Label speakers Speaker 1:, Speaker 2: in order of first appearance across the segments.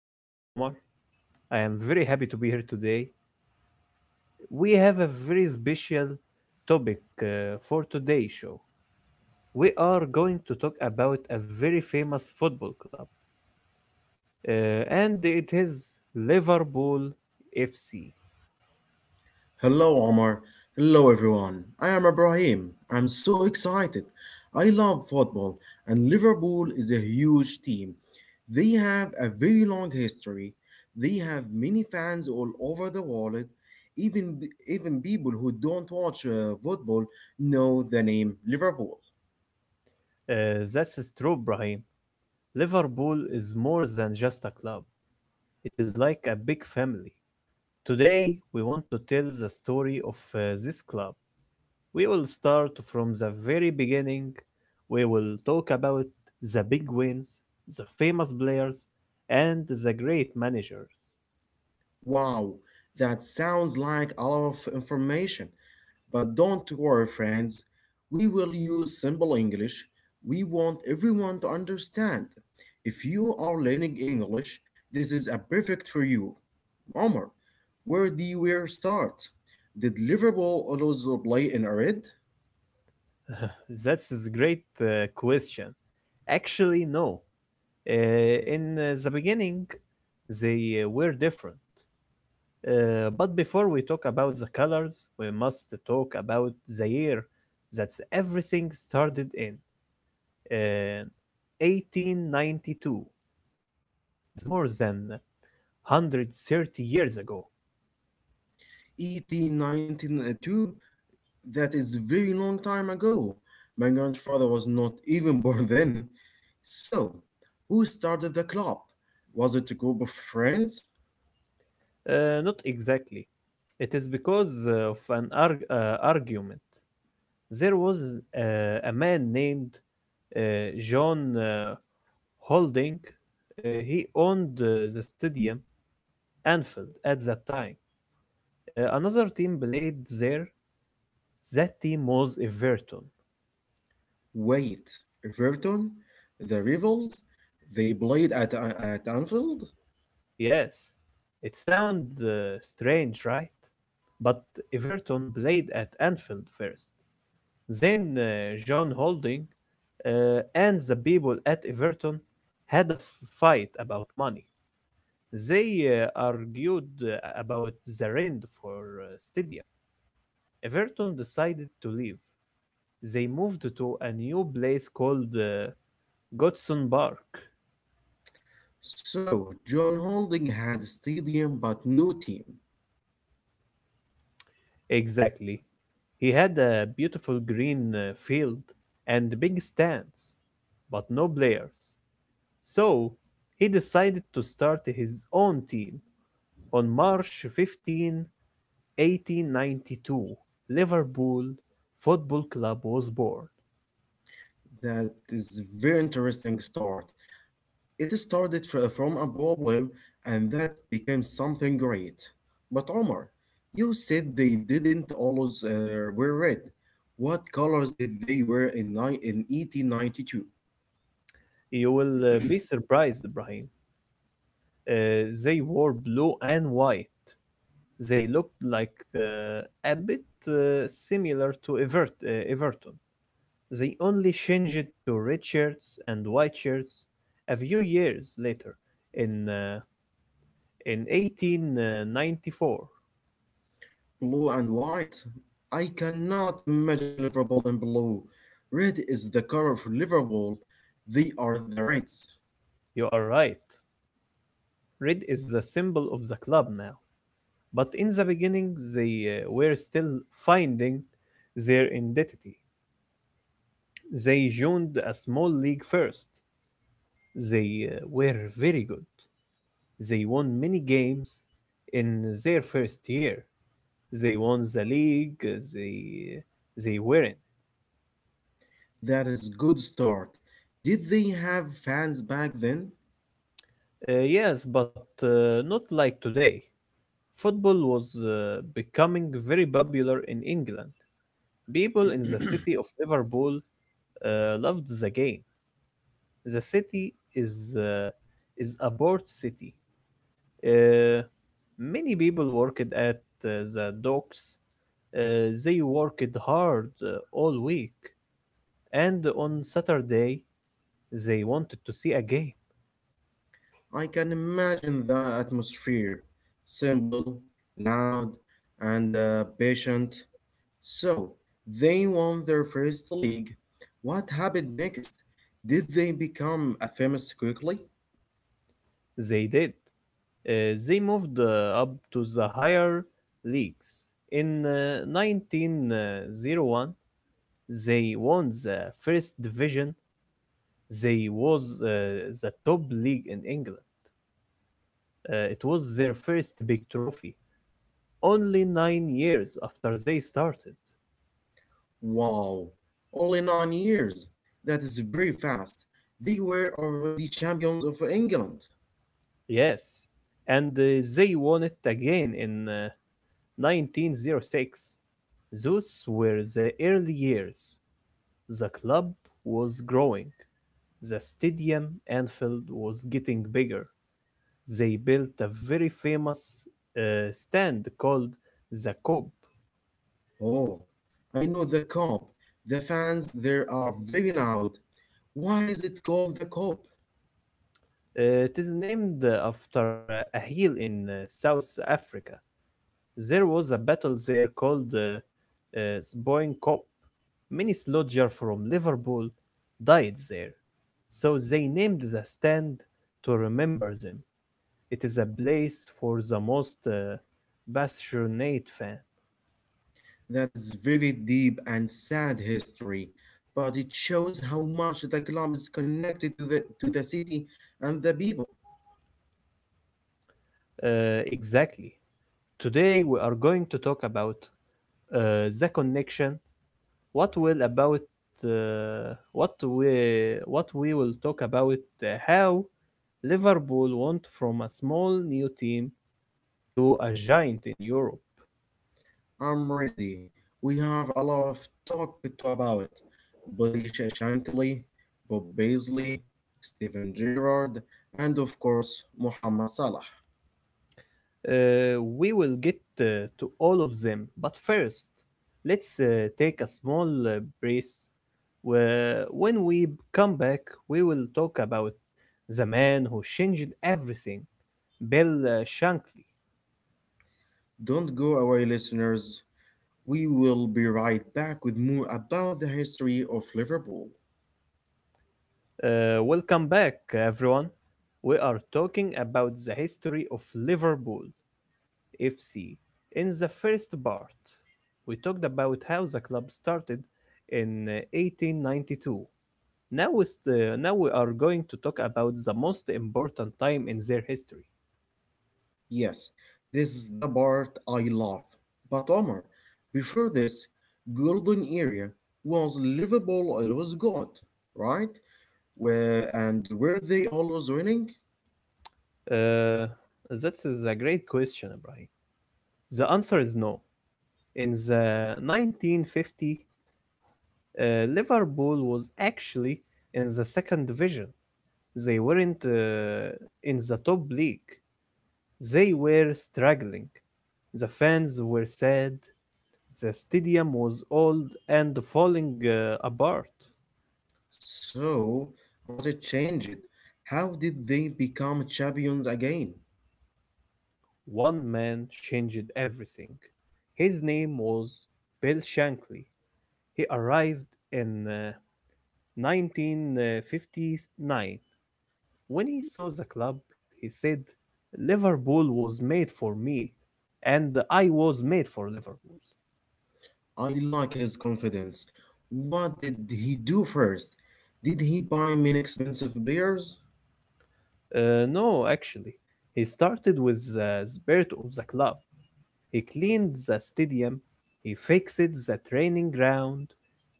Speaker 1: My name is Omar. I am very happy to be here today. We have a very special topic for today's show. We are going to talk about a very famous football club, uh, and it is Liverpool FC.
Speaker 2: Hello, Omar. Hello, everyone. I am Ibrahim. I'm so excited. I love football, and Liverpool is a huge team. They have a very long history. They have many fans all over the world. Even even people who don't watch football know the name Liverpool.
Speaker 1: That's true, Brahim. Liverpool is more than just a club, it is like a big family. Today, we want to tell the story of this club. We will start from the very beginning. We will talk about the big wins, the famous players, and the great managers.
Speaker 2: Wow, that sounds like a lot of information. But don't worry, friends, we will use simple English. We want everyone to understand. If you are learning English, this is a perfect for you. Omar, where do you where start? The deliverable allows the play in red?
Speaker 1: That's a great question. Actually, no. In the beginning, they were different. But before we talk about the colors, we must talk about the year that everything started in. Uh, 1892. That is more than 130 years ago.
Speaker 2: 1892. That is very long time ago. My grandfather was not even born then. So, who started the club? Was it a group of friends?
Speaker 1: Not exactly. It is because of an argument. There was uh, a man named uh, John Holding. He owned the stadium Anfield at that time. Another team played there. That team was Everton.
Speaker 2: Wait, Everton, the rivals, they played at Anfield?
Speaker 1: Yes, it sounds strange, right? But Everton played at Anfield first. Then John Holding and the people at Everton had a fight about money. They argued about the rent for stadium. Everton decided to leave. They moved to a new place called Godson Park.
Speaker 2: So, John Holding had stadium but no team.
Speaker 1: Exactly. He had a beautiful green field and big stands, but no players. So he decided to start his own team on March 15, 1892, Liverpool Football Club was born.
Speaker 2: That is very interesting start. It started from a problem and that became something great. But Omar, you said they didn't always wear red. What colors did they wear in 1892?
Speaker 1: You will be surprised, Ibrahim. They wore blue and white. They looked like a bit similar to Everton. They only changed it to red shirts and white shirts a few years later, in uh, in 1894.
Speaker 2: Blue and white. I cannot imagine Liverpool in blue. Red is the color of Liverpool. They are the Reds.
Speaker 1: You are right. Red is the symbol of the club now. But in the beginning, they were still finding their identity. They joined a small league first. They were very good. They won many games in their first year. They won the league. Uh, they were in.
Speaker 2: That is good start. Did they have fans back then?
Speaker 1: Yes, but not like today. Football was becoming very popular in England. People in the city of Liverpool loved the game. The city is a port city. Uh, many people worked at the docks. They worked hard all week, and on Saturday they wanted to see a game.
Speaker 2: I can imagine the atmosphere. Simple, loud, and patient. So, they won their first league. What happened next? Did they become a famous quickly?
Speaker 1: They did. They moved up to the higher leagues. In 1901, they won the first division. They was the top league in England. It was their first big trophy, only 9 years after they started.
Speaker 2: Wow, only 9 years. That is very fast. They were already champions of England.
Speaker 1: Yes, and they won it again in 1906. Those were the early years. The club was growing. The stadium Anfield was getting bigger. They built a very famous stand called the Cobb.
Speaker 2: Oh, I know the cup. The fans there are very loud. Why is it called the cup?
Speaker 1: It is named after a hill in South Africa. There was a battle there called Sboing Kop. Many soldiers from Liverpool died there, so they named the stand to remember them. It is a place for the most passionate fan.
Speaker 2: That is very deep and sad history, but it shows how much the club is connected to the city and the people.
Speaker 1: Exactly. Today we are going to talk about the connection. What will about what we will talk about how Liverpool went from a small new team to a giant in Europe.
Speaker 2: I'm ready. We have a lot of talk to about. Billy Shankly, Bob Paisley, Stephen Gerrard, and of course, Mohamed Salah.
Speaker 1: We will get to all of them, but first, let's take a small break. Where when we come back, we will talk about the man who changed everything, Bill Shankly.
Speaker 2: Don't go away, listeners. We will be right back with more about the history of Liverpool.
Speaker 1: Welcome back, everyone. We are talking about the history of Liverpool FC. In the first part, we talked about how the club started in 1892. Now we are going to talk about the most important time in their history.
Speaker 2: Yes, this is the part I love. But Omar, before this, golden era was Liverpool always good, right? Where and were they always winning?
Speaker 1: Uh, that's a great question, Ibrahim. The answer is no. In the 1950, Liverpool was actually in the second division. They weren't in the top league. They were struggling. The fans were sad. The stadium was old and falling apart.
Speaker 2: So, what it changed? How did they become champions again?
Speaker 1: One man changed everything. His name was Bill Shankly. He arrived in 1959. When he saw the club, he said, Liverpool was made for me, and I was made for Liverpool.
Speaker 2: I like his confidence. What did he do first? Did he buy me expensive beers?
Speaker 1: No, actually, he started with the spirit of the club. He cleaned the stadium, he fixed the training ground,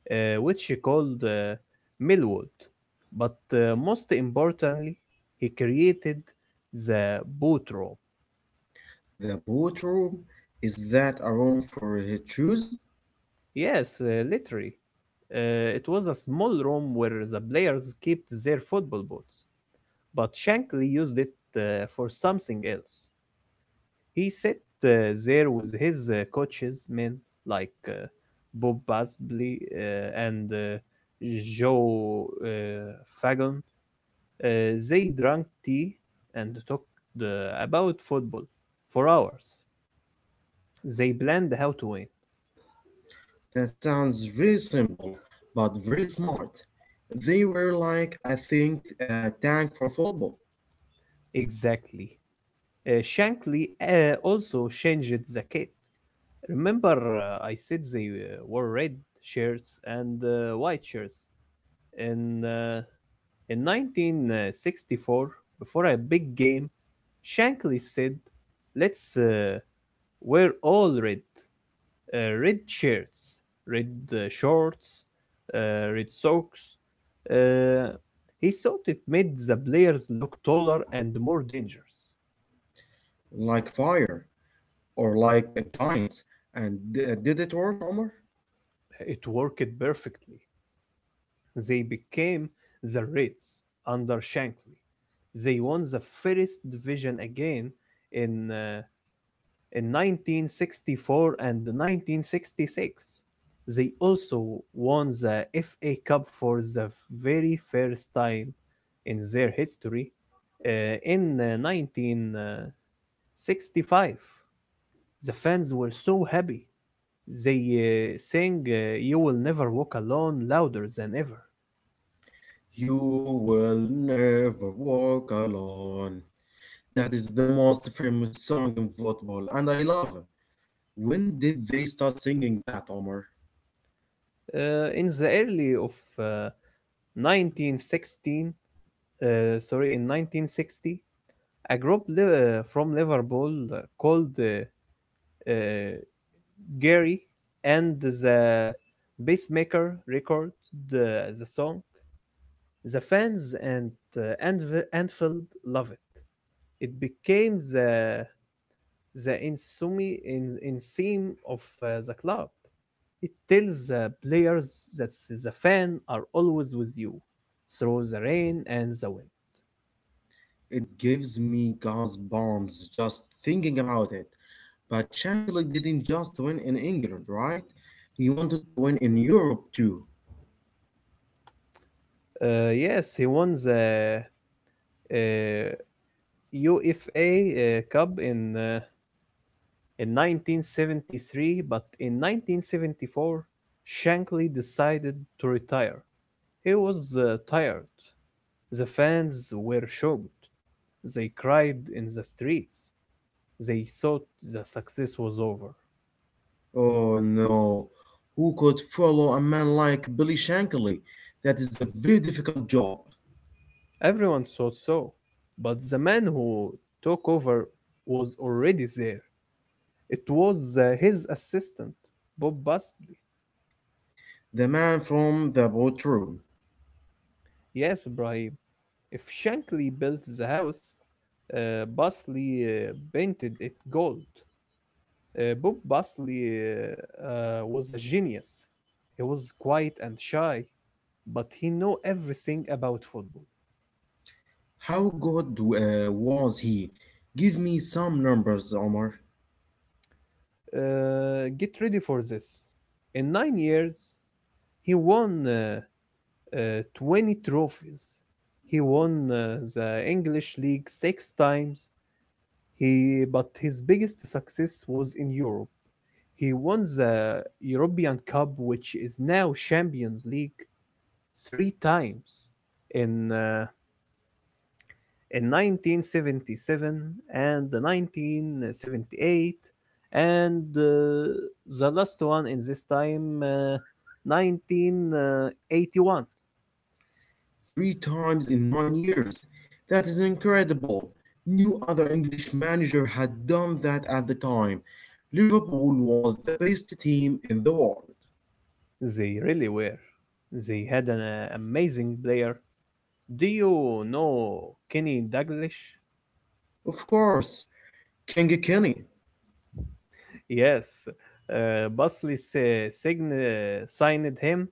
Speaker 1: which he called Millwood. But most importantly, he created the boot room.
Speaker 2: The boot room? Is that a room for his shoes?
Speaker 1: Yes, literally. It was a small room where the players kept their football boots, but Shankly used it for something else. He sat there with his coaches, men like Bob Basley and Joe Fagan. They drank tea and talked uh, about football for hours. They planned how to win.
Speaker 2: That sounds very simple, but very smart. They were like, I think, a tank for football,
Speaker 1: Exactly. Shankly also changed the kit. Remember, I said they wore red shirts and white shirts. In uh, in 1964, before a big game, Shankly said, "Let's wear all red." Red shirts, red shorts, red socks. Uh, he thought it made the players look taller and more dangerous.
Speaker 2: like fire, or like a giant. And did it work, Omar?
Speaker 1: It worked perfectly. They became the Reds under Shankly. They won the first division again in uh, In 1964 and 1966. They also won the FA Cup for the very first time in their history. Uh, in 1965, the fans were so happy. They sang You Will Never Walk Alone louder than ever.
Speaker 2: You will never walk alone. That is the most famous song in football, and I love it. When did they start singing that, Omar?
Speaker 1: In the early of uh, 1916, uh, sorry, in 1960, a group from Liverpool called uh, Gary and the Pacemaker record the song. The fans and Anfield love it. It became the insumi in theme of the club. It tells the players that the fan are always with you through the rain and the
Speaker 2: It gives me goosebumps just thinking about it. But Shankly didn't just win in England, right? He wanted to win in Europe too.
Speaker 1: wind. Yes, he won the uh, UEFA Cup in 1973, but in 1974, Shankly decided to retire. He was tired. The fans were shocked. They cried in the streets. They thought the success was over.
Speaker 2: Oh no. Who could follow a man like Billy Shankly? That is a very difficult job.
Speaker 1: Everyone thought so. But the man who took over was already there. It was his assistant, Bob Busby.
Speaker 2: The man from the boat room.
Speaker 1: Yes, Ibrahim. If Shankly built the house, Bosley painted it gold. Bob Bosley was a genius. He was quiet and shy, but he knew everything about football.
Speaker 2: How good was he? Give me some numbers, Omar.
Speaker 1: Get ready for this. In 9 years, he won 20 trophies. He won the English League 6 times, but his biggest success was in Europe. He won the European Cup, which is now Champions League, three times, in uh, in 1977 and the 1978, and the last one in this time 1981.
Speaker 2: Three times in 9 years. That is incredible. No other English manager had done that at the time. Liverpool was the best team in the world.
Speaker 1: They really were. They had an amazing player. Do you know Kenny Dalglish?
Speaker 2: Of course, King Kenny.
Speaker 1: Yes. Bosley signed him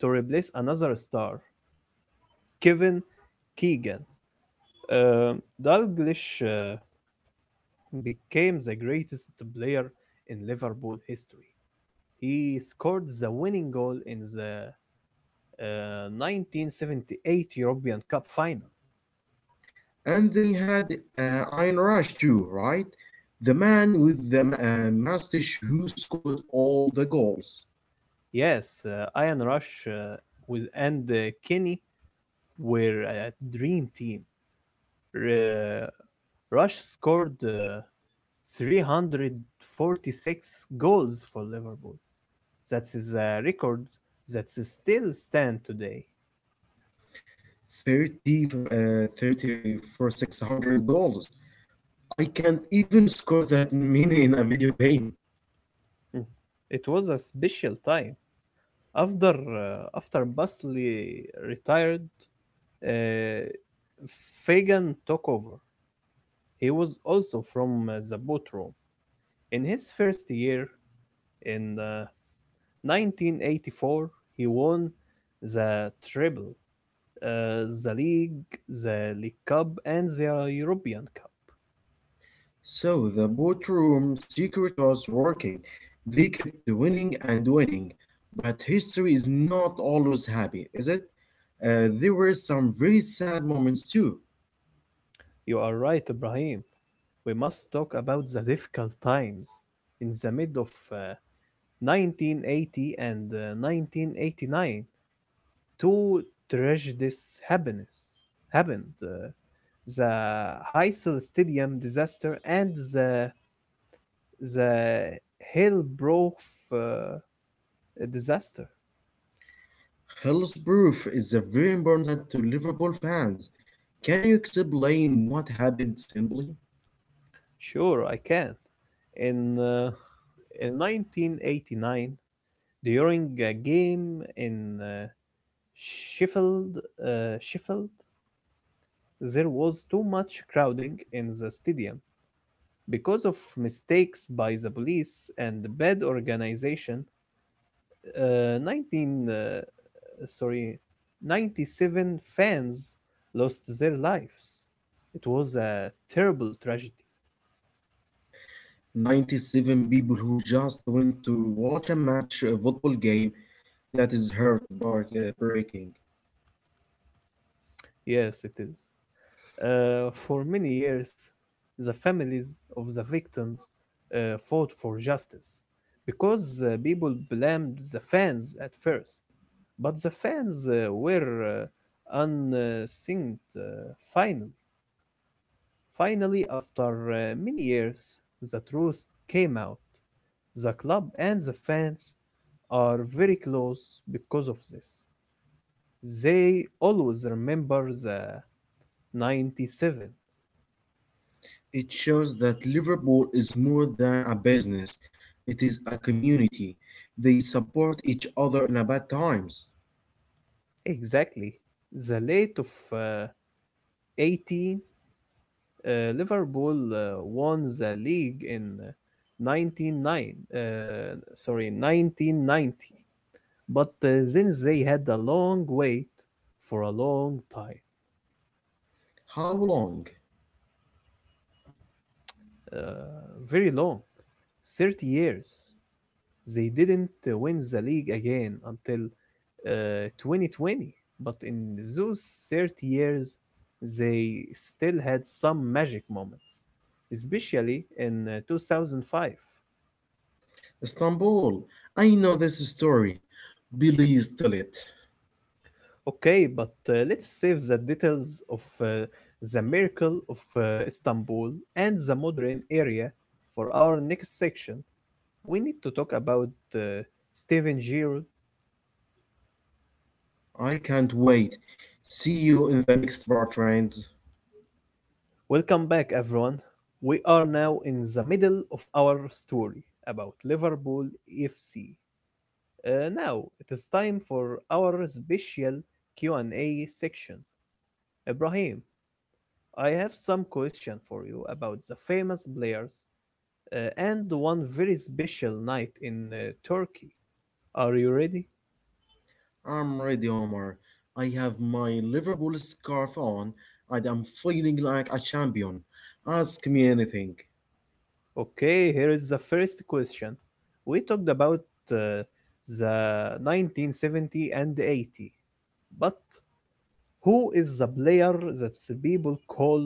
Speaker 1: to replace another star, Kevin Keegan. Uh, Dalglish became the greatest player in Liverpool history. He scored the winning goal in the 1978 European Cup final.
Speaker 2: And they had Iron Rush too, right? The man with the mustache who scored all the goals.
Speaker 1: Yes, Ian Rush with, and Kenny were a dream team. Uh, Rush scored 346 goals for Liverpool. That is a record that still stands today.
Speaker 2: 30 for 600 goals. I can't even score that many in a video game.
Speaker 1: Mm. It was a special time. After Basley retired, uh, Fagan took over. He was also from the boat room. In his first year, in 1984, he won the treble, uh, the league, the League Cup, and the European Cup.
Speaker 2: So the boardroom secret was working. They kept winning and winning, but history is not always happy, is it? There were some very sad moments too.
Speaker 1: You are right, Ibrahim. We must talk about the difficult times in the mid of 1980 and 1989, two tragedies happened. Happened uh, the Heysel Stadium disaster and the Hillbrook uh, disaster.
Speaker 2: Hell's proof is a very important to Liverpool fans. Can you explain what happened simply?
Speaker 1: Sure, I can. In uh, in 1989, during a game in Sheffield, Sheffield, there was too much crowding in the stadium. Because of mistakes by the police and bad organization, uh, 19 uh, sorry, 97 fans lost their lives. It was a terrible tragedy.
Speaker 2: 97 people who just went to watch a match, a football game that is heart-breaking.
Speaker 1: Yes, it is. For many years, the families of the victims fought for justice because people blamed the fans at first, but the fans were unsinged finally. Finally, after many years, the truth came out. The club and the fans are very close because of this. They always remember the 97.
Speaker 2: It shows that Liverpool is more than a business, it is a community. They support each other in a bad times.
Speaker 1: Exactly. The late of uh, 18, uh, Liverpool uh, won the league in uh, 199, uh, sorry, 1990. But then they had a long wait for a long time.
Speaker 2: How long?
Speaker 1: uh, Very long. 30 years. They didn't win the league again until 2020. But in those 30 years, they still had some magic moments, especially in 2005.
Speaker 2: Istanbul. I know this story. Please tell it.
Speaker 1: Okay, but let's save the details of the miracle of Istanbul and the modern area for our next section. We need to talk about uh, Steven Gerrard.
Speaker 2: I can't wait. See you in the next part, friends.
Speaker 1: Welcome back, everyone. We are now in the middle of our story about Liverpool FC. Now it is time for our special Q&A section. Ibrahim, I have some question for you about the famous players and one very special night in Turkey. Are you ready?
Speaker 2: I'm ready, Omar. I have my Liverpool scarf on and I'm feeling like a champion. Ask me anything.
Speaker 1: Okay, here is the first question. We talked about uh, the 1970 and 80, but who is the player that the people call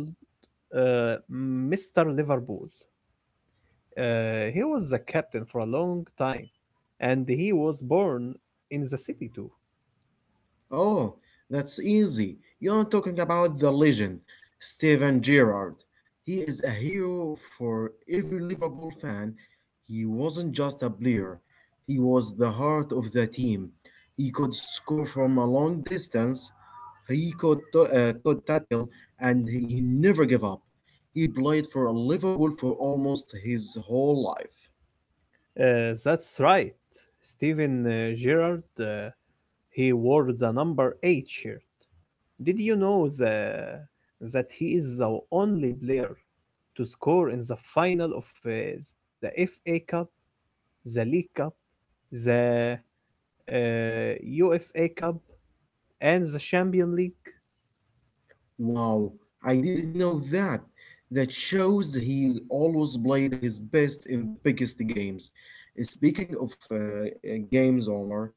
Speaker 1: Mr. Liverpool? He was the captain for a long time, and he was born in the city too.
Speaker 2: Oh, that's easy. You're talking about the legend, Steven Gerrard. He is a hero for every Liverpool fan. He wasn't just a player, he was the heart of the team. He could score from a long distance, he could tackle, and he never gave up. He played for Liverpool for almost his whole life.
Speaker 1: That's right, Steven Gerrard. He wore the number eight shirt. Did you know that he is the only player to score in the final of the FA Cup, the League Cup, the UEFA Cup, and the Champions League?
Speaker 2: Wow, I didn't know that. That shows he always played his best in the biggest games. Speaking of games, Omar,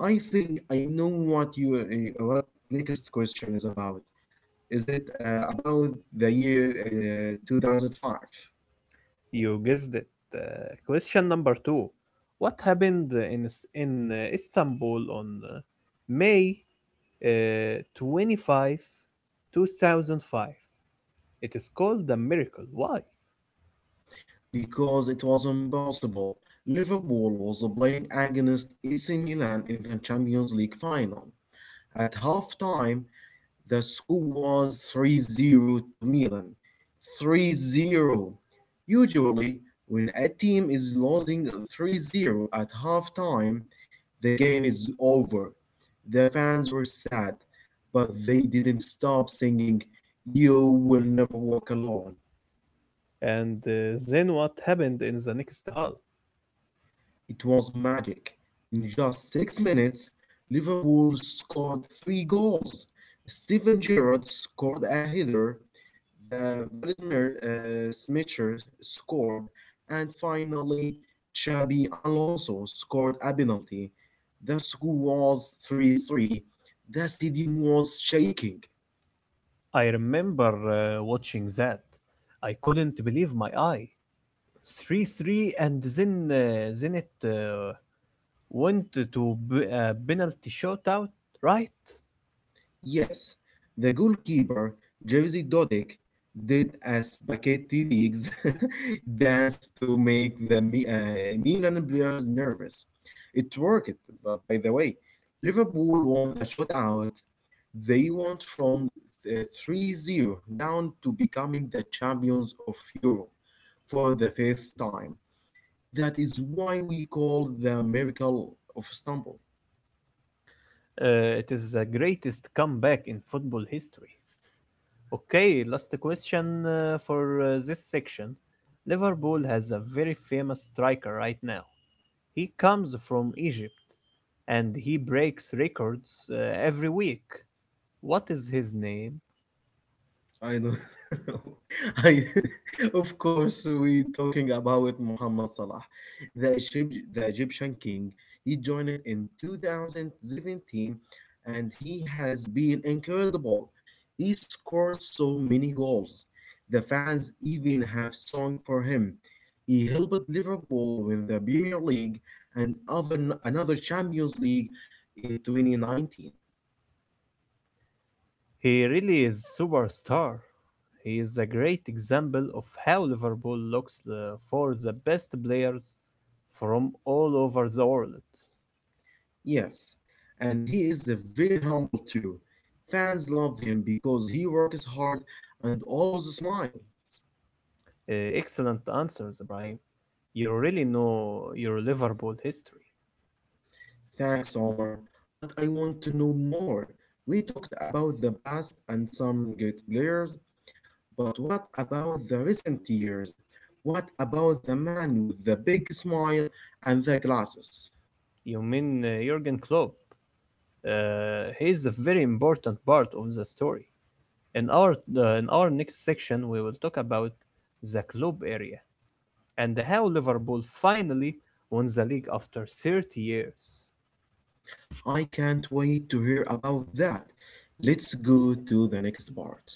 Speaker 2: I think I know what you what next question is about. Is it about the year 2005?
Speaker 1: You guessed it. Uh, question number two: what happened in Istanbul on May 25, 2005? It is called the miracle. Why?
Speaker 2: Because it was impossible. Liverpool was playing against AC Milan in the Champions League final. At halftime, the score was 3-0 to Milan. 3-0. Usually, when a team is losing three zero 0 at halftime, the game is over. The fans were sad, but they didn't stop singing, "You Will Never Walk Alone."
Speaker 1: And then what happened in the next hall?
Speaker 2: It was magic. In just 6 minutes, Liverpool scored three goals. Steven Gerrard scored a header, the Vladimir Smicher scored, and finally, Xabi Alonso scored a penalty. The score was 3-3. The stadium was shaking.
Speaker 1: I remember watching that. I couldn't believe my eye. 3-3, and then it went to a penalty shootout, right?
Speaker 2: Yes, the goalkeeper, Jerzy Dodic, did a spaghetti leagues dance to make the Milan players nervous. It worked, by the way. Liverpool won the shutout. They went from 3 zero down to becoming the champions of Europe for the fifth time. That is why we call the miracle of Istanbul.
Speaker 1: It is the greatest comeback in football history. Okay, last question for this section. Liverpool has a very famous striker right now. He comes from Egypt and he breaks records every week. What is his name?
Speaker 2: I know. I, of course, we talking about Muhammad Salah, the Egyptian king. He joined it in 2017 and he has been incredible. He scores so many goals. The fans even have song for him. He helped Liverpool win the Premier League and other another Champions League in 2019.
Speaker 1: He really is superstar. He is a great example of how Liverpool looks for the best players from all over the world.
Speaker 2: Yes, and he is a very humble too. Fans love him because he works hard and always smiles.
Speaker 1: Excellent answers, Ibrahim. You really know your Liverpool history.
Speaker 2: Thanks, Omar, but I want to know more. We talked about the past and some good players, but what about the recent years? What about the man with the big smile and the glasses?
Speaker 1: You mean Jurgen Klopp? He is a very important part of the story. In our next section, we will talk about the club area and how Liverpool finally won the league after 30 years.
Speaker 2: I can't wait to hear about that. Let's go to the next part.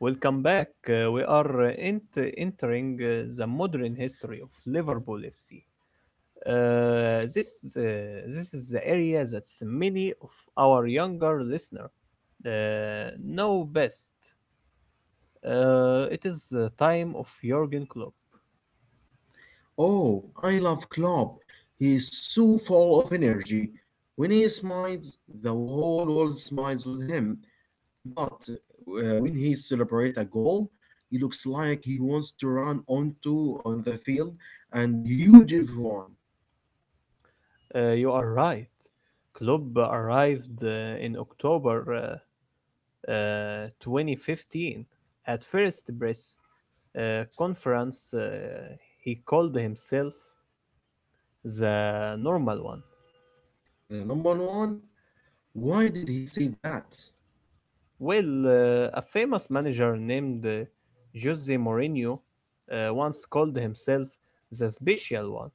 Speaker 1: Welcome back. We are entering the modern history of Liverpool FC. Uh, this uh, this is the area that many of our younger listeners know best. It is the time of Jurgen Klopp.
Speaker 2: Oh, I love Klopp. He is so full of energy. When he smiles, the whole world smiles with him. But when he celebrates a goal, he looks like he wants to run onto on the field and huge everyone.
Speaker 1: You are right. Klopp arrived in October 2015. At first press conference, he called himself the normal one.
Speaker 2: The number one, why did he say that?
Speaker 1: Well, a famous manager named Jose Mourinho once called himself the special one.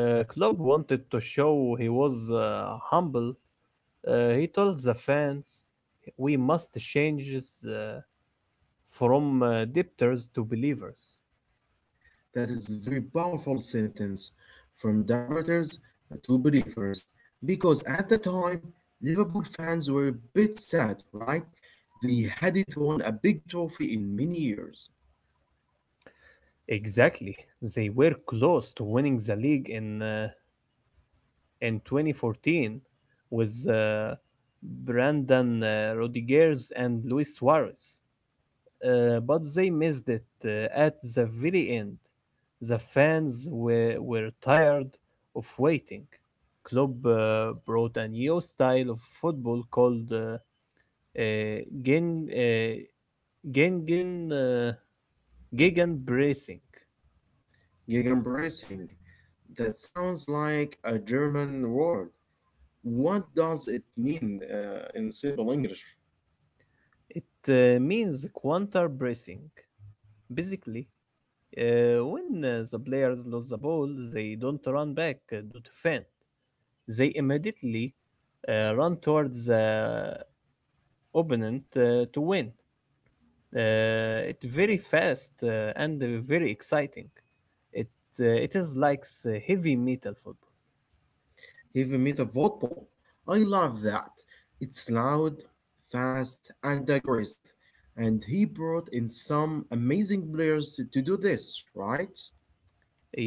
Speaker 1: Klopp wanted to show he was humble. He told the fans, "We must change uh, from debtors to believers."
Speaker 2: That is a very powerful sentence from doubters to believers because at the time Liverpool fans were a bit sad, right? They hadn't won a big trophy in many years.
Speaker 1: Exactly. They were close to winning the league in 2014 with Brandon Rodriguez and Luis Suarez, but they missed it at the very end. The fans were tired of waiting. Klopp brought a new style of football called uh, Gen, uh, Gengen, uh, Gegenpressing.
Speaker 2: Gegenpressing. That sounds like a German word. What does it mean in simple English?
Speaker 1: It means counter pressing. Basically, when the players lose the ball, they don't run back to defend. They immediately run towards the opponent to win. It's very fast and very exciting. It it is like heavy metal football.
Speaker 2: Heavy metal vault ball. I love that. It's loud, fast, and aggressive. And he brought in some amazing players to do this, right?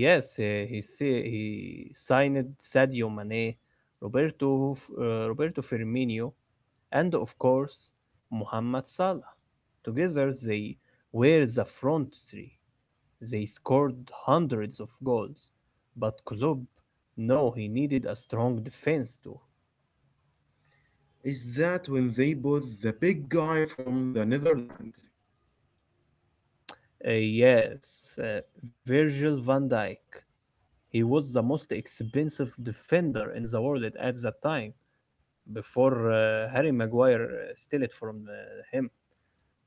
Speaker 1: Yes, he signed Sadio Mane, Roberto Firmino, and of course Mohamed Salah. Together they were the front three. They scored hundreds of goals, but Klopp knew he needed a strong defense too.
Speaker 2: Is that when they bought the big guy from the Netherlands?
Speaker 1: Yes, Virgil van Dijk. He was the most expensive defender in the world at that time, before Harry Maguire stole it from him.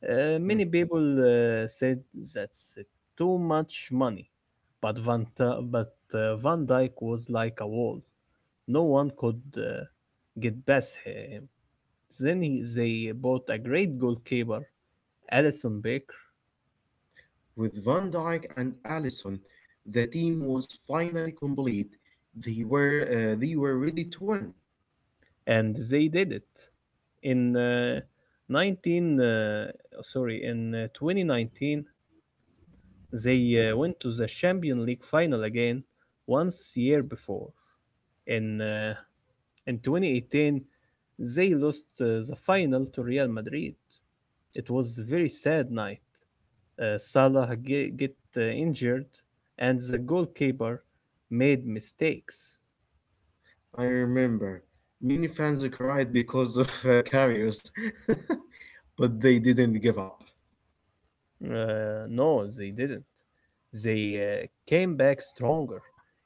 Speaker 1: Uh,
Speaker 2: Hmm.
Speaker 1: many people said that's too much money, but van Dijk was like a wall. No one could get past him. Then they bought a great goalkeeper, Alison Beck,
Speaker 2: With Van Dijk and Allison, the team was finally complete. They were ready to win.
Speaker 1: and they did it in uh, 19 uh, sorry in uh, 2019. They went to the Champions League final again. Once year before in 2018 they lost the final to Real Madrid. It was a very sad night. Salah get injured and the goalkeeper made mistakes.
Speaker 2: I remember. Many fans cried because of carriers, but they didn't give up.
Speaker 1: No, they didn't. They came back stronger.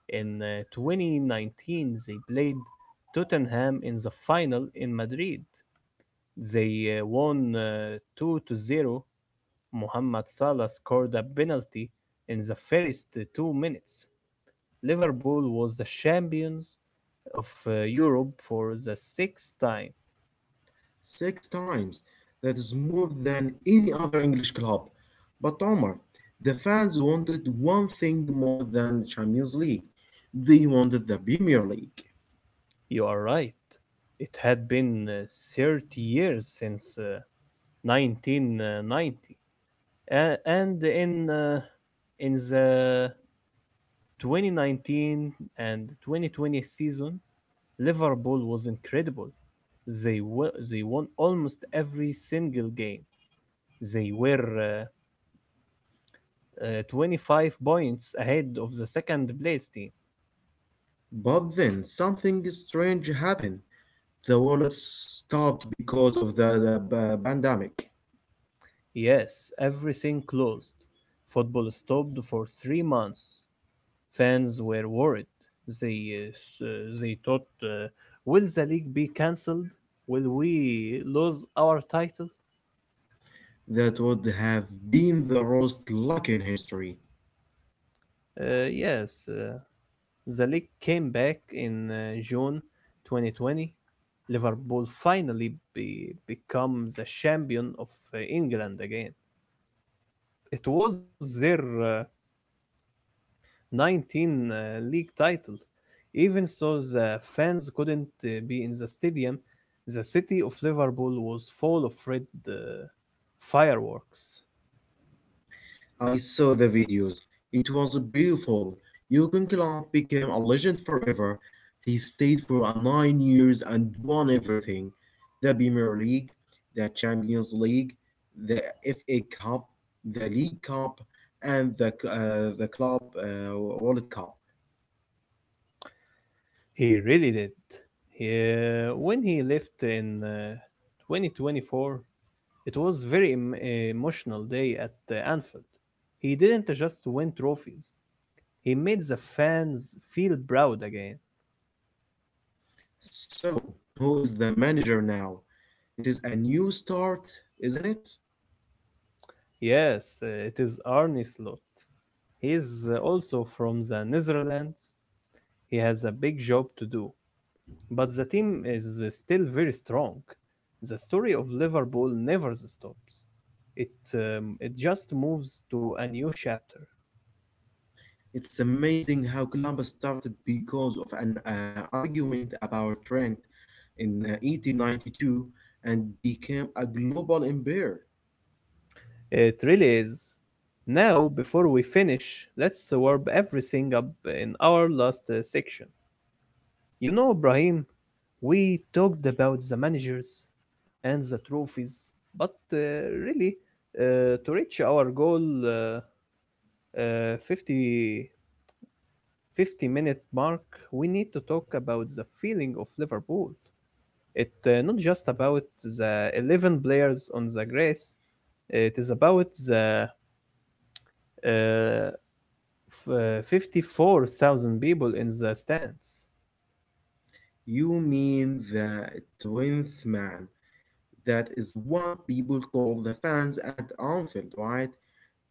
Speaker 1: In 2019, they played Tottenham in the final in Madrid. They won 2-0. Mohamed Salah scored a penalty in the first 2 minutes. Liverpool was the champions of Europe for the sixth time.
Speaker 2: Six times. That is more than any other English club. But Omar, the fans wanted one thing more than Champions League. They wanted the Premier League.
Speaker 1: You are right. It had been 30 years since 1990. And in the 2019 and 2020 season, Liverpool was incredible. They won almost every single game. They were 25 points ahead of the second place team.
Speaker 2: But then something strange happened. The wallet stopped because of the pandemic.
Speaker 1: Yes, everything closed. Football stopped for 3 months. Fans were worried. They uh, they thought, will the league be cancelled? Will we lose our title?
Speaker 2: That would have been the worst luck in history.
Speaker 1: Yes, the league came back in June 2020. Liverpool finally become the champion of England again. It was their 19 league title. Even so, the fans couldn't be in the stadium. The city of Liverpool was full of red uh, fireworks.
Speaker 2: I saw the videos. It was beautiful. Jurgen Klopp became a legend forever. He stayed for a 9 years and won everything: the Premier League, the Champions League, the FA Cup, the League Cup, and the Club World Cup.
Speaker 1: He really did. When he left in 2024, it was very emotional day at Anfield. He didn't just win trophies. He made the fans feel proud again.
Speaker 2: So, who is the manager now? It is a new start, isn't it?
Speaker 1: Yes, it is Arne Slot. He is also from the Netherlands. He has a big job to do, but the team is still very strong. The story of Liverpool never stops. It just moves to a new chapter.
Speaker 2: It's amazing how Columbus started because of an argument about rent in 1892 and became a global empire.
Speaker 1: It really is. Now, before we finish, let's warm everything up in our last section. You know, Ibrahim, we talked about the managers and the trophies, but really, to reach our goal 50, 50-minute mark, we need to talk about the feeling of Liverpool. It not just about the 11 players on the grass, it is about the uh, 54,000 people in the stands.
Speaker 2: You mean the 12th man? That is what people call the fans at Anfield, right?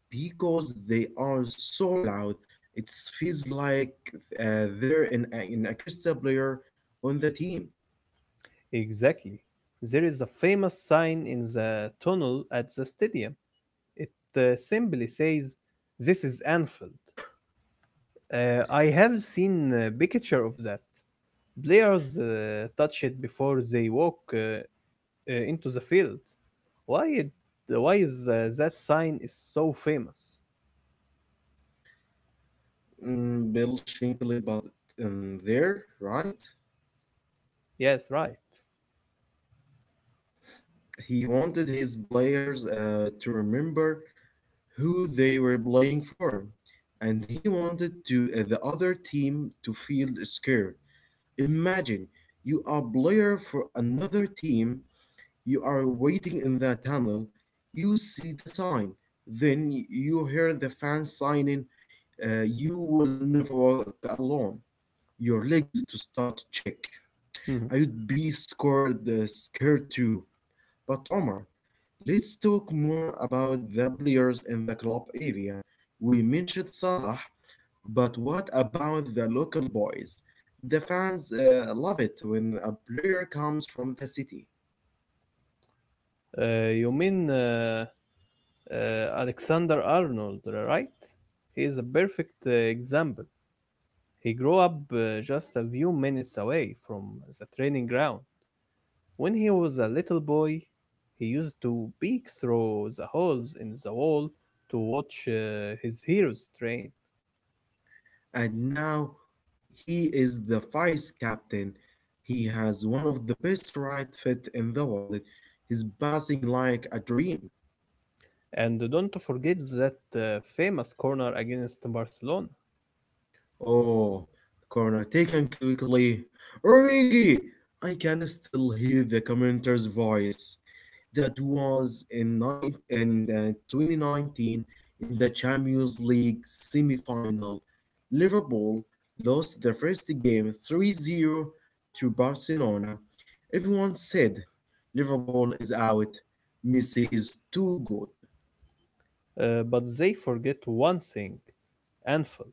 Speaker 2: Because they are so loud, it feels like they're in a crystal player on the team.
Speaker 1: Exactly. There is a famous sign in the tunnel at the stadium. It simply says, "This is Anfield." I have seen a picture of that. Players touch it before they walk into the field. Why it, why is that sign is so famous?
Speaker 2: Bill Shankly, but there, right?
Speaker 1: Yes, right.
Speaker 2: He wanted his players to remember who they were playing for, and he wanted to the other team to feel scared. Imagine you are player for another team, you are waiting in the tunnel, you see the sign, then you hear the fans signing, "You will never walk alone." Your legs to start check.
Speaker 1: Mhm.
Speaker 2: I'd be scared too. But Omar, let's talk more about the players in the club area. We mentioned Salah, but what about the local boys? The fans love it when a player comes from the city.
Speaker 1: Uh, you mean uh, Alexander Arnold, right? He is a perfect example. He grew up just a few minutes away from the training ground. When he was a little boy, he used to peek through the holes in the wall to watch his heroes train.
Speaker 2: And now he is the vice captain. He has one of the best right fit in the world. He's passing like a dream.
Speaker 1: And don't forget that famous corner against Barcelona.
Speaker 2: Oh, corner taken quickly. Origi! I can still hear the commentator's voice. That was in 2019 in the Champions League semi final. Liverpool lost the first game 3-0 to Barcelona. Everyone said Liverpool is out. Messi is too good.
Speaker 1: But they forget one thing, Anfield.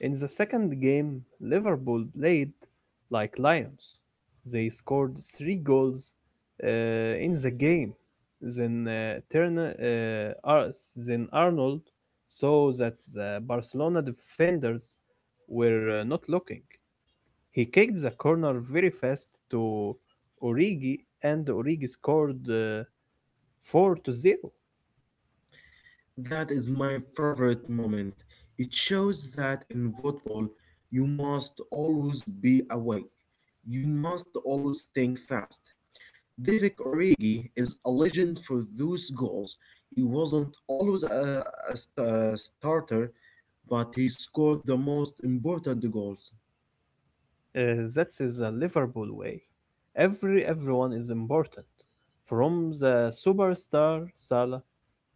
Speaker 1: In the second game, Liverpool played like lions. They scored three goals uh, in the game. Then uh, turn, uh, Ar- then Arnold saw that the Barcelona defenders were not looking. He kicked the corner very fast to Origi and Origi scored 4-0. Uh,
Speaker 2: That is my favorite moment. It shows that in football, you must always be awake. You must always think fast. David Origi is a legend for those goals. He wasn't always a starter, but he scored the most important goals.
Speaker 1: that is the Liverpool way. Everyone is important, from the superstar Salah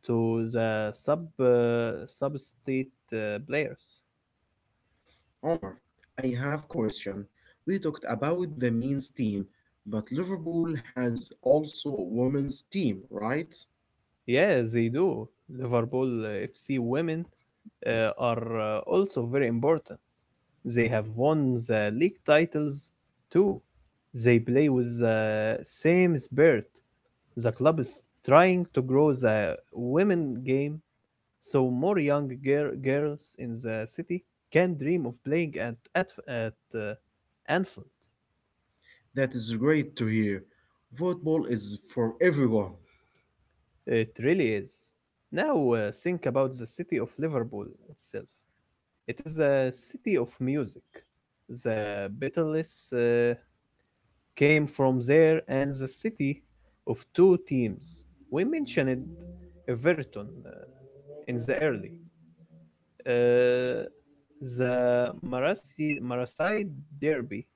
Speaker 1: to the substitute players.
Speaker 2: Omar, I have question. We talked about the men's team, but Liverpool has also a women's team, right?
Speaker 1: Yeah, they do. Liverpool FC women are also very important. They have won the league titles too. They play with the same spirit. The club is trying to grow the women game so more young girls in the city can dream of playing at Anfield.
Speaker 2: That is great to hear. Football is for everyone.
Speaker 1: It really is. Now think about the city of Liverpool itself. It is a city of music. The Beatles came from there and the city of two teams. We mentioned Everton in the early. Uh, the Marasai Derby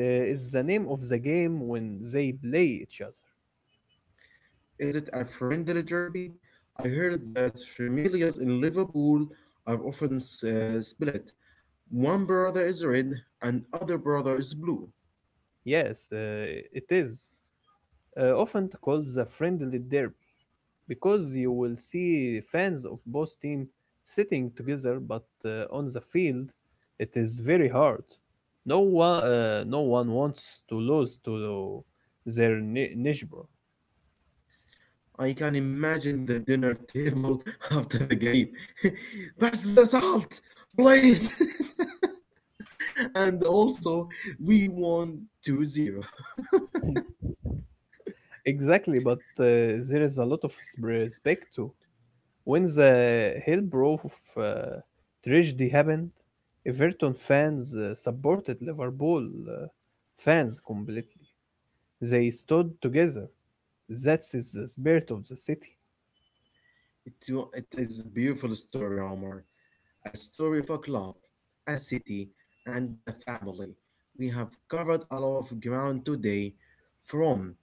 Speaker 1: is the name of the game when they play each other.
Speaker 2: Is it a friendly derby? I heard that families in Liverpool are often split. One brother is red and other brother is blue.
Speaker 1: Yes, it is. Often called the friendly derby, because you will see fans of both teams sitting together, but on the field, it is very hard. No one wants to lose to their neighbor.
Speaker 2: I can imagine the dinner table after the game. Pass the salt, please. And also, we won 2-0.
Speaker 1: Exactly, but there is a lot of respect too. When the Hillbrow uh, tragedy happened, Everton fans supported Liverpool uh, fans completely. They stood together. That is the spirit of the city.
Speaker 2: It is a beautiful story, Omar. A story of a club, a city, and the family. We have covered a lot of ground today from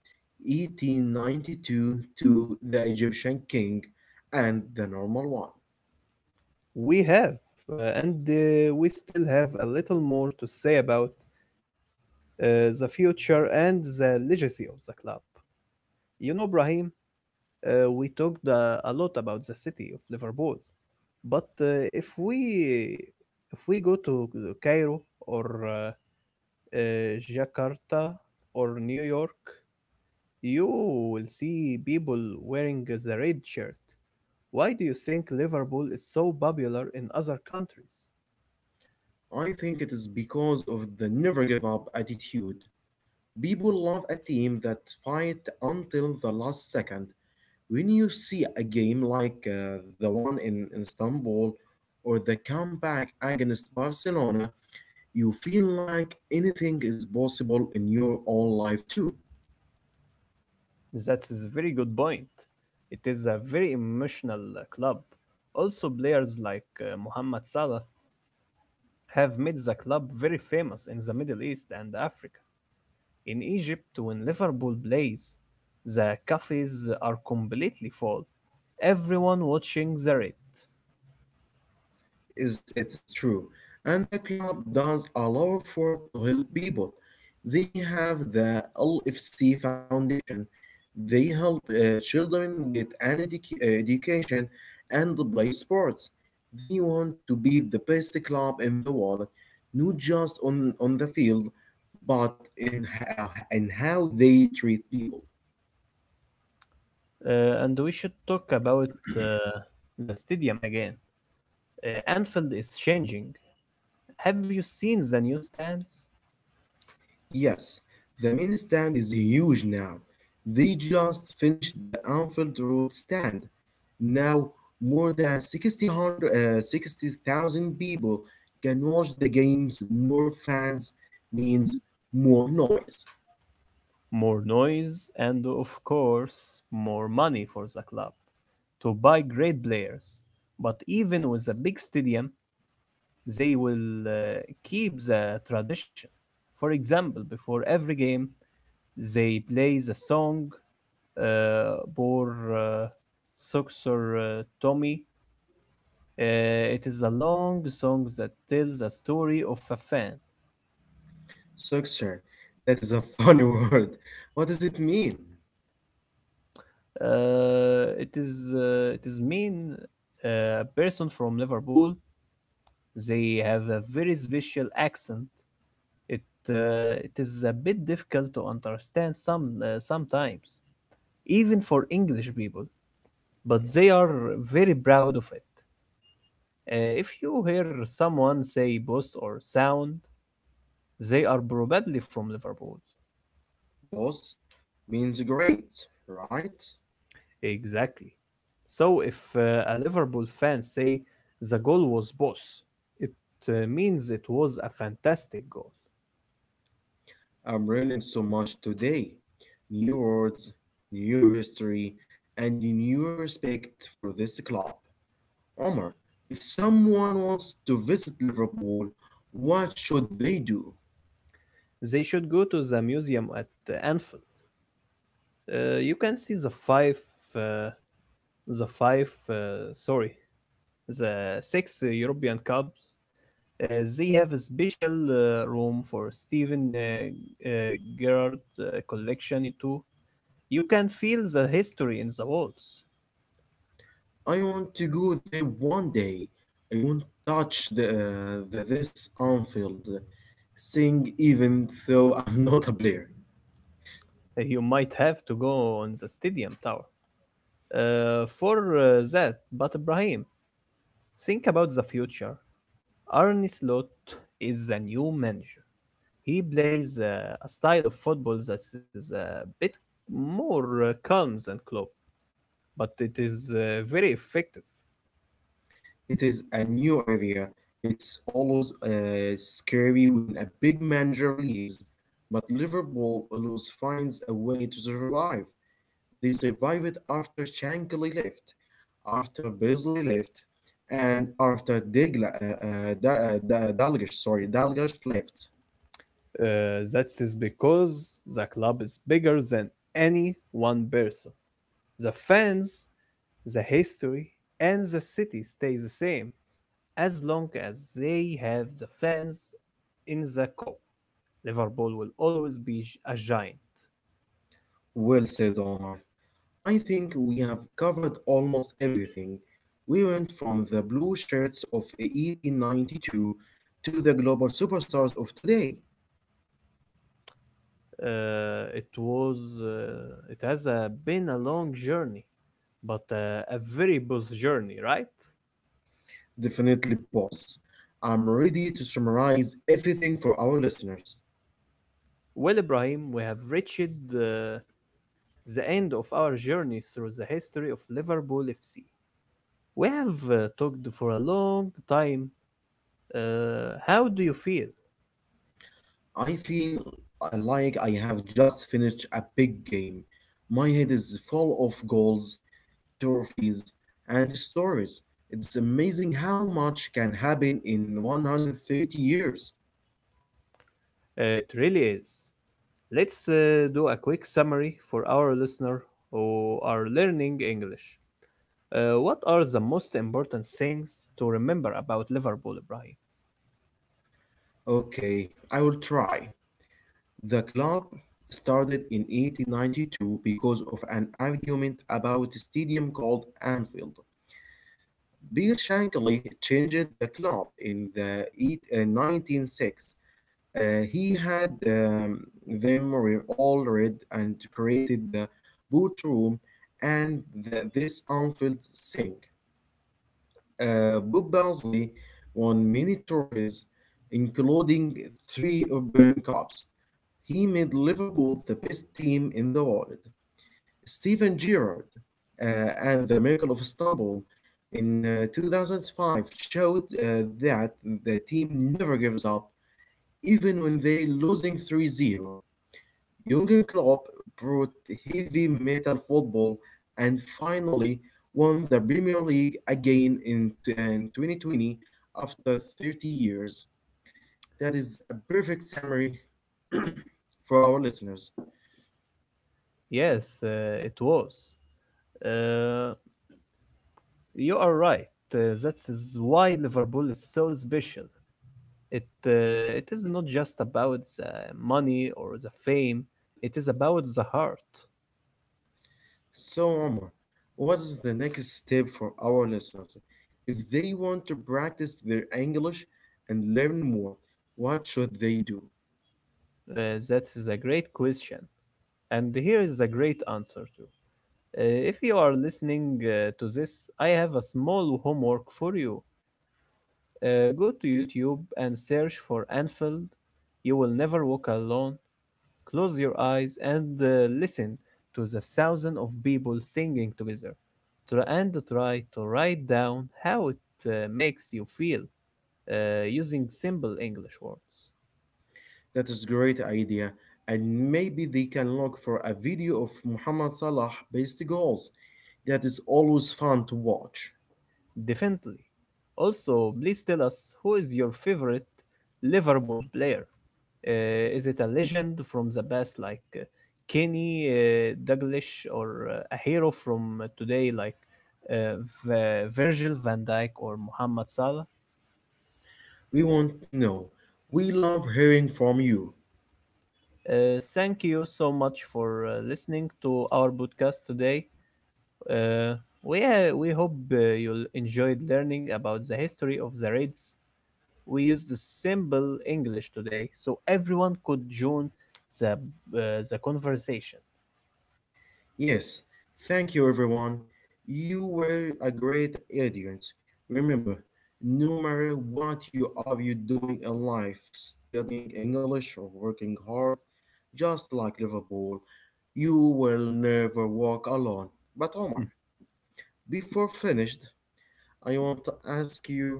Speaker 2: 1892 to the Egyptian king and the normal one.
Speaker 1: We have. And we still have a little more to say about the future and the legacy of the club. You know, Brahim, we talked a lot about the city of Liverpool, but if we go to Cairo or uh, Jakarta or New York, you will see people wearing the red shirt. Why do you think Liverpool is so popular in other countries?
Speaker 2: I think it is because of the never give up attitude. People love a team that fight until the last second. When you see a game like the one in Istanbul or the comeback against Barcelona, you feel like anything is possible in your own life too.
Speaker 1: That is a very good point. It is a very emotional club. Also, players like Mohamed Salah have made the club very famous in the Middle East and Africa. In Egypt, when Liverpool plays, the cafes are completely full. Everyone watching the red.
Speaker 2: Is it is true. And the club does a lot of work to help people. They have the LFC Foundation. They help children get an education and play sports. They want to be the best club in the world, not just on the field, but in how they treat people.
Speaker 1: And we should talk about uh, the stadium again. Anfield is changing. Have you seen the new stands?
Speaker 2: Yes, the main stand is huge now. They just finished the Anfield Road stand. Now, more than 600 60,000 people can watch the games. More fans means more noise.
Speaker 1: More noise, and of course more money for the club to buy great players. But even with a big stadium, they will keep the tradition. For example, before every game, they play the song Bor Suksor Tommy. It is a long song that tells a story of a fan.
Speaker 2: Success. That is a funny word. What does it mean?
Speaker 1: It is mean a person from Liverpool. They have a very special accent. It it is a bit difficult to understand some sometimes, even for English people. But they are very proud of it. If you hear someone say "boss" or "sound," they are probably from Liverpool.
Speaker 2: Boss means great, right?
Speaker 1: Exactly. So if a Liverpool fan say the goal was boss, it means it was a fantastic goal.
Speaker 2: I'm learning so much today. New words, new history, and new respect for this club. Omar, if someone wants to visit Liverpool, what should they do?
Speaker 1: They should go to the museum at Anfield. You can see uh, the five, uh, sorry, the six European Cups. They have a special room for Steven uh, Gerrard collection too. You can feel the history in the walls.
Speaker 2: I want to go there one day. I want to touch the this Anfield thing even though I'm not a player.
Speaker 1: You might have to go on the stadium Tower for that. But Ibrahim, think about the future. Arne Slot is the new manager. He plays a style of football that is a bit more calm than Klopp, but it is very effective.
Speaker 2: It is a new area. It's always scary when a big manager leaves, but Liverpool always finds a way to survive. They survived after Shankly left, after Beasley left, and after Digla, Da- Da- Dalgish, sorry, Dalgish left.
Speaker 1: That is because the club is bigger than any one person. The fans, the history, and the city stay the same as long as they have the fans in the cup. Liverpool will always be a giant.
Speaker 2: Well said, Omar. I think we have covered almost everything. We went from the blue shirts of 1892 to the global superstars of today.
Speaker 1: Uh, it was it has been a long journey, but a very boss journey, right?
Speaker 2: Definitely, boss. I'm ready to summarize everything for our listeners.
Speaker 1: Well, Ibrahim, we have reached the end of our journey through the history of Liverpool FC. We have talked for a long time. How do you feel?
Speaker 2: I feel like I have just finished a big game. My head is full of goals, trophies, and stories. It's amazing how much can happen in 130 years.
Speaker 1: It really is. Let's do a quick summary for our listener who are learning English. What are the most important things to remember about Liverpool, Ibrahim?
Speaker 2: Okay, I will try. The club started in 1892 because of an argument about a stadium called Anfield. Bill Shankly changed the club in the 1906. He had them all red and created the boot room and this Anfield thing. Bob Bosley won many trophies, including three Urban Cups. He made Liverpool the best team in the world. Steven Gerrard and the Miracle of Istanbul in 2005 showed that the team never gives up, even when they losing 3-0. Jurgen Klopp brought heavy metal football and finally won the Premier League again in 2020 after 30 years. That is a perfect summary for our listeners.
Speaker 1: Yes, it was. Uh, You are right. That is why Liverpool is so special. It it is not just about the money or the fame. It is about the heart.
Speaker 2: So, Omar, what is the next step for our listeners? If they want to practice their English and learn more, what should they do?
Speaker 1: Uh, that is a great question, and here is a great answer too. If you are listening to this, I have a small homework for you. Go to YouTube and search for Anfield. You will never walk alone. Close your eyes and listen to the thousands of people singing together. Try to write down how it makes you feel using simple English words.
Speaker 2: That is great idea, and maybe they can look for a video of Muhammad Salah based goals. That is always fun to watch.
Speaker 1: Definitely. Also, please tell us, who is your favorite Liverpool player? Is it a legend from the past like Kenny Dalglish, or a hero from today like uh, Virgil van Dijk or Mohamed Salah?
Speaker 2: We want to know. We love hearing from you.
Speaker 1: Thank you so much for listening to our podcast today. Uh, we hope you enjoyed learning about the history of the Reds. We use the simple English today, so everyone could join the conversation.
Speaker 2: Yes, thank you everyone. You were a great audience. Remember, no matter what you are you doing in life, studying English or working hard, just like Liverpool, you will never walk alone. But Omar,
Speaker 1: Hmm.
Speaker 2: before finished, I want to ask you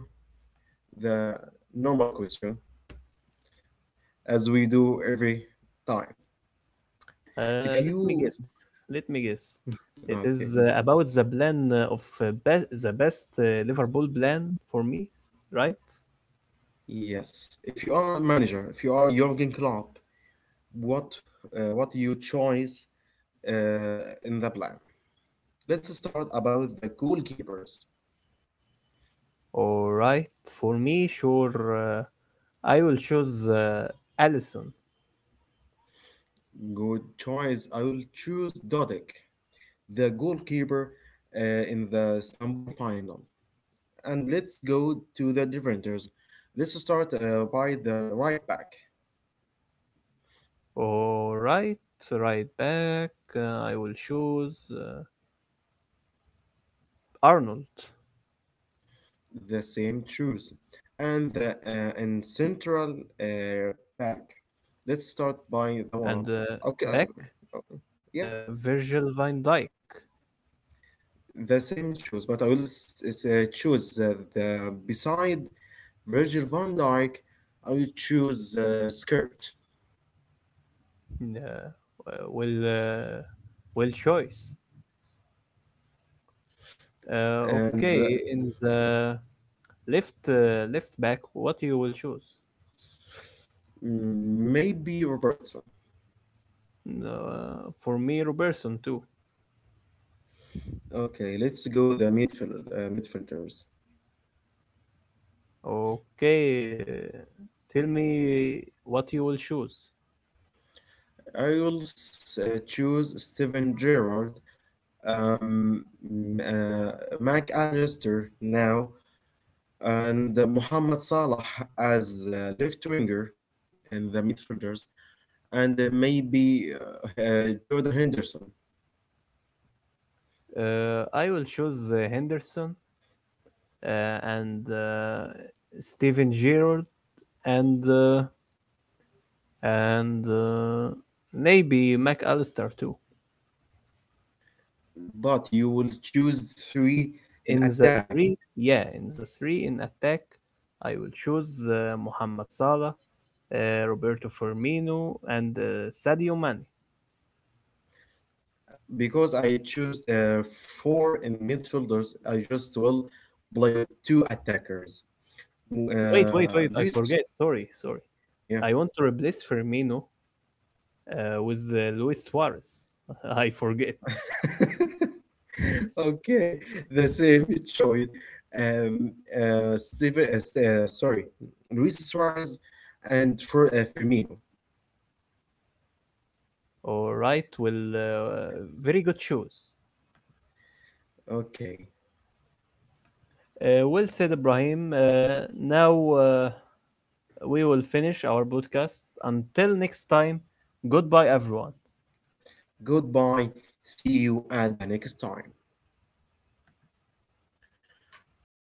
Speaker 2: the normal question as we do every time. If
Speaker 1: Let me
Speaker 2: you
Speaker 1: guess. Let me guess. It
Speaker 2: okay,
Speaker 1: is about the plan of the best Liverpool plan for me, right?
Speaker 2: yes, if you are a manager, if you are Jurgen Klopp, what what you choice in the plan. Let's start about the goalkeepers.
Speaker 1: All right, for me, sure. I will choose Allison.
Speaker 2: Good choice. I will choose Dodik, the goalkeeper in the Istanbul final. And let's go to the defenders. Let's start by the right back.
Speaker 1: All right, right back. I will choose Arnold
Speaker 2: The same choice. And central uh, back.
Speaker 1: and
Speaker 2: Let's start
Speaker 1: back.
Speaker 2: by the one. Okay. Yeah.
Speaker 1: Virgil van Dijk.
Speaker 2: The same shoes, but I will choose the beside Virgil van Dyke. I will choose skirt
Speaker 1: Uh, well, well choice.
Speaker 2: and
Speaker 1: Okay, in the left left back, what you will choose?
Speaker 2: maybe Robertson.
Speaker 1: No, for me, Robertson too.
Speaker 2: Okay, let's go the midfielders.
Speaker 1: Okay, tell me what you will choose.
Speaker 2: I will choose Steven Gerrard, um, mm, uh, Mac Allister now, and Mohamed Salah as left winger and the midfielders. And maybe Jordan Henderson.
Speaker 1: I will choose Henderson and Steven Gerrard and uh, and maybe McAllister too.
Speaker 2: But you will choose three in
Speaker 1: In the
Speaker 2: attack
Speaker 1: three, yeah, in the three in attack, I will choose Mohamed Salah, Roberto Firmino, and Sadio Mane.
Speaker 2: because I choose four in midfielders. I just will play with two attackers.
Speaker 1: Wait, wait, wait! I
Speaker 2: Luis,
Speaker 1: forget. Sorry, sorry.
Speaker 2: yeah.
Speaker 1: I want to replace Firmino with Luis Suarez. I forget.
Speaker 2: Okay, the same choice. Um, uh, Steven, uh, Ste- uh, sorry, Luis Suarez and for Firmino.
Speaker 1: All right. Well, very good choice.
Speaker 2: Okay,
Speaker 1: Well said, Ibrahim. Now we will finish our podcast. Until next time, goodbye, everyone.
Speaker 2: goodbye. See you at the next time.